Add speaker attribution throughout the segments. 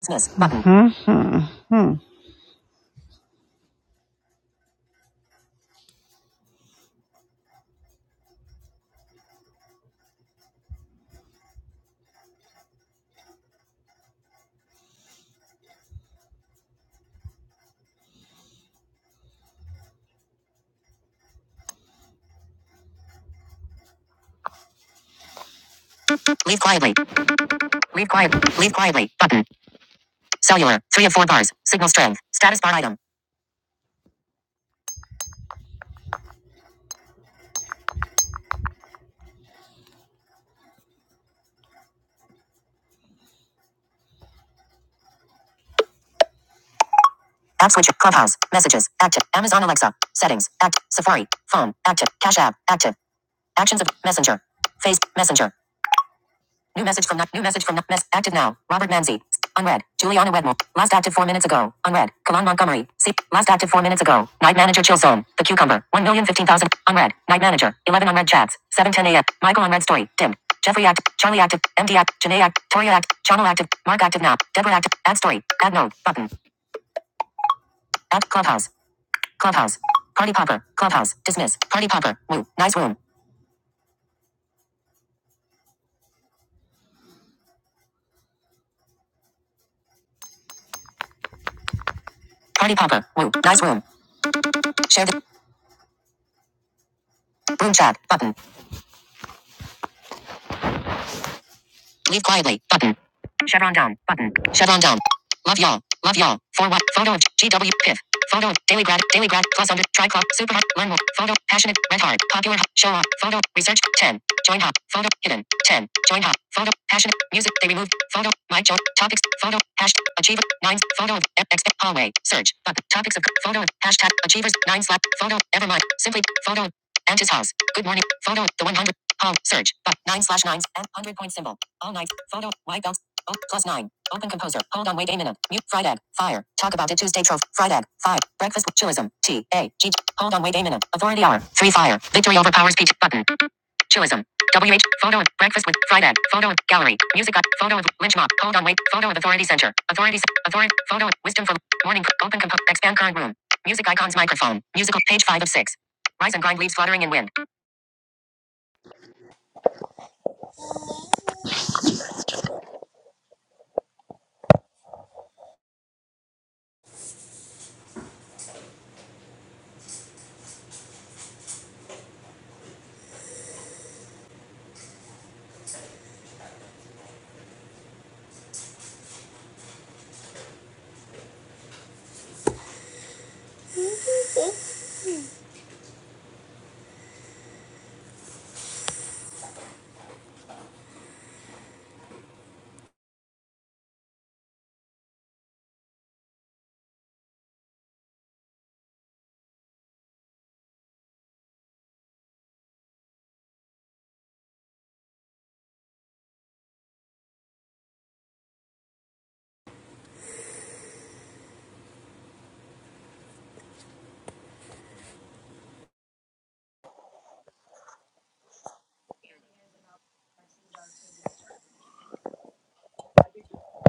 Speaker 1: Dismiss button. Mm-hmm. Hmm. Leave quietly. Leave quietly. Leave quietly. Button. Cellular. Three of four bars. Signal strength. Status bar item. App switch. Clubhouse. Messages. Active. Amazon Alexa. Settings. Active. Safari. Phone. Active. Cash app. Active. Actions of Messenger. Face. Messenger. New message from Nu- new message from Nu- mess active now. Robert Manzi. Unread. Juliana Wedmore. Last active four minutes ago. Unread. Kalan Montgomery. See. Last active four minutes ago. Night manager chill zone. The cucumber. One million fifteen thousand. Unread. Night manager. Eleven unread chats. Seven ten a.m. Michael unread story. Dim. Jeffrey active. Charlie active. MD active. Janae active. Toria active. Channel active. Mark active now. Deborah active. Add story. Add note. Button. Add clubhouse. Clubhouse. Party popper. Clubhouse. Dismiss. Party popper. Woo. Nice room. Party popper. Woo. Nice room. Share the room chat. Button. Leave quietly. Button. Chevron down. Button. Chevron down. Love y'all. Love y'all. For what? Photo of GW Piff. Photo of Daily Grad. Daily Grad. Plus under. Tri Club. Super Hot. Learn more. Photo. Passionate. Red Hard. Popular. Show off. Photo. Research. 10. Join hot. Photo. Hidden. 10. Join hot. Photo. Passionate. Music. They removed. Photo. My job. Topics. Photo. Hashtag. Achiever. 9. Photo of. X. Hallway. Search. Button. Topics of. Photo of. Hashtag. Achievers. 9 slap. Photo. Evermind. Simply. Photo. of Auntie's house. Good morning. Photo. The 100. All search but nine slash nines and hundred point symbol. All night photo white belt. Oh, plus nine. Open composer. Hold on. Wait a minute. Mute. Fried egg. Fire. Talk about it. Tuesday. Trophy. Fried egg. Five. Breakfast. with Chillism. T A G. Hold on. Wait a minute. Authority hour. Three fire. Victory overpowers peach. Button. Chillism. W H. Photo. of Breakfust with fried egg. Photo. of Gallery. Music. up. Photo. of Lynch mob. Hold on. Wait. Photo of authority center. Authority. Authority. Photo. of Wisdom for morning. Open composer. Expand current room. Music icons microphone. Musical page five of six. Rise and grind leaves fluttering in wind.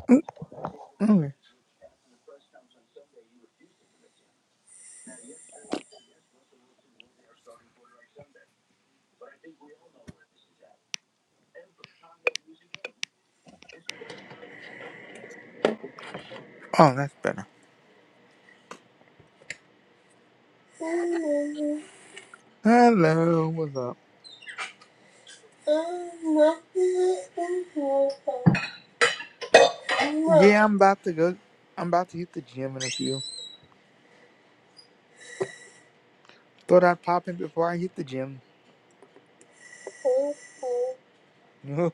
Speaker 2: Mm, Okay. Oh, that's better. Hello, what's up? Yeah, I'm about to go. I'm about to hit the gym in a few. Thought I'd pop in before I hit the gym.
Speaker 3: Mm-hmm.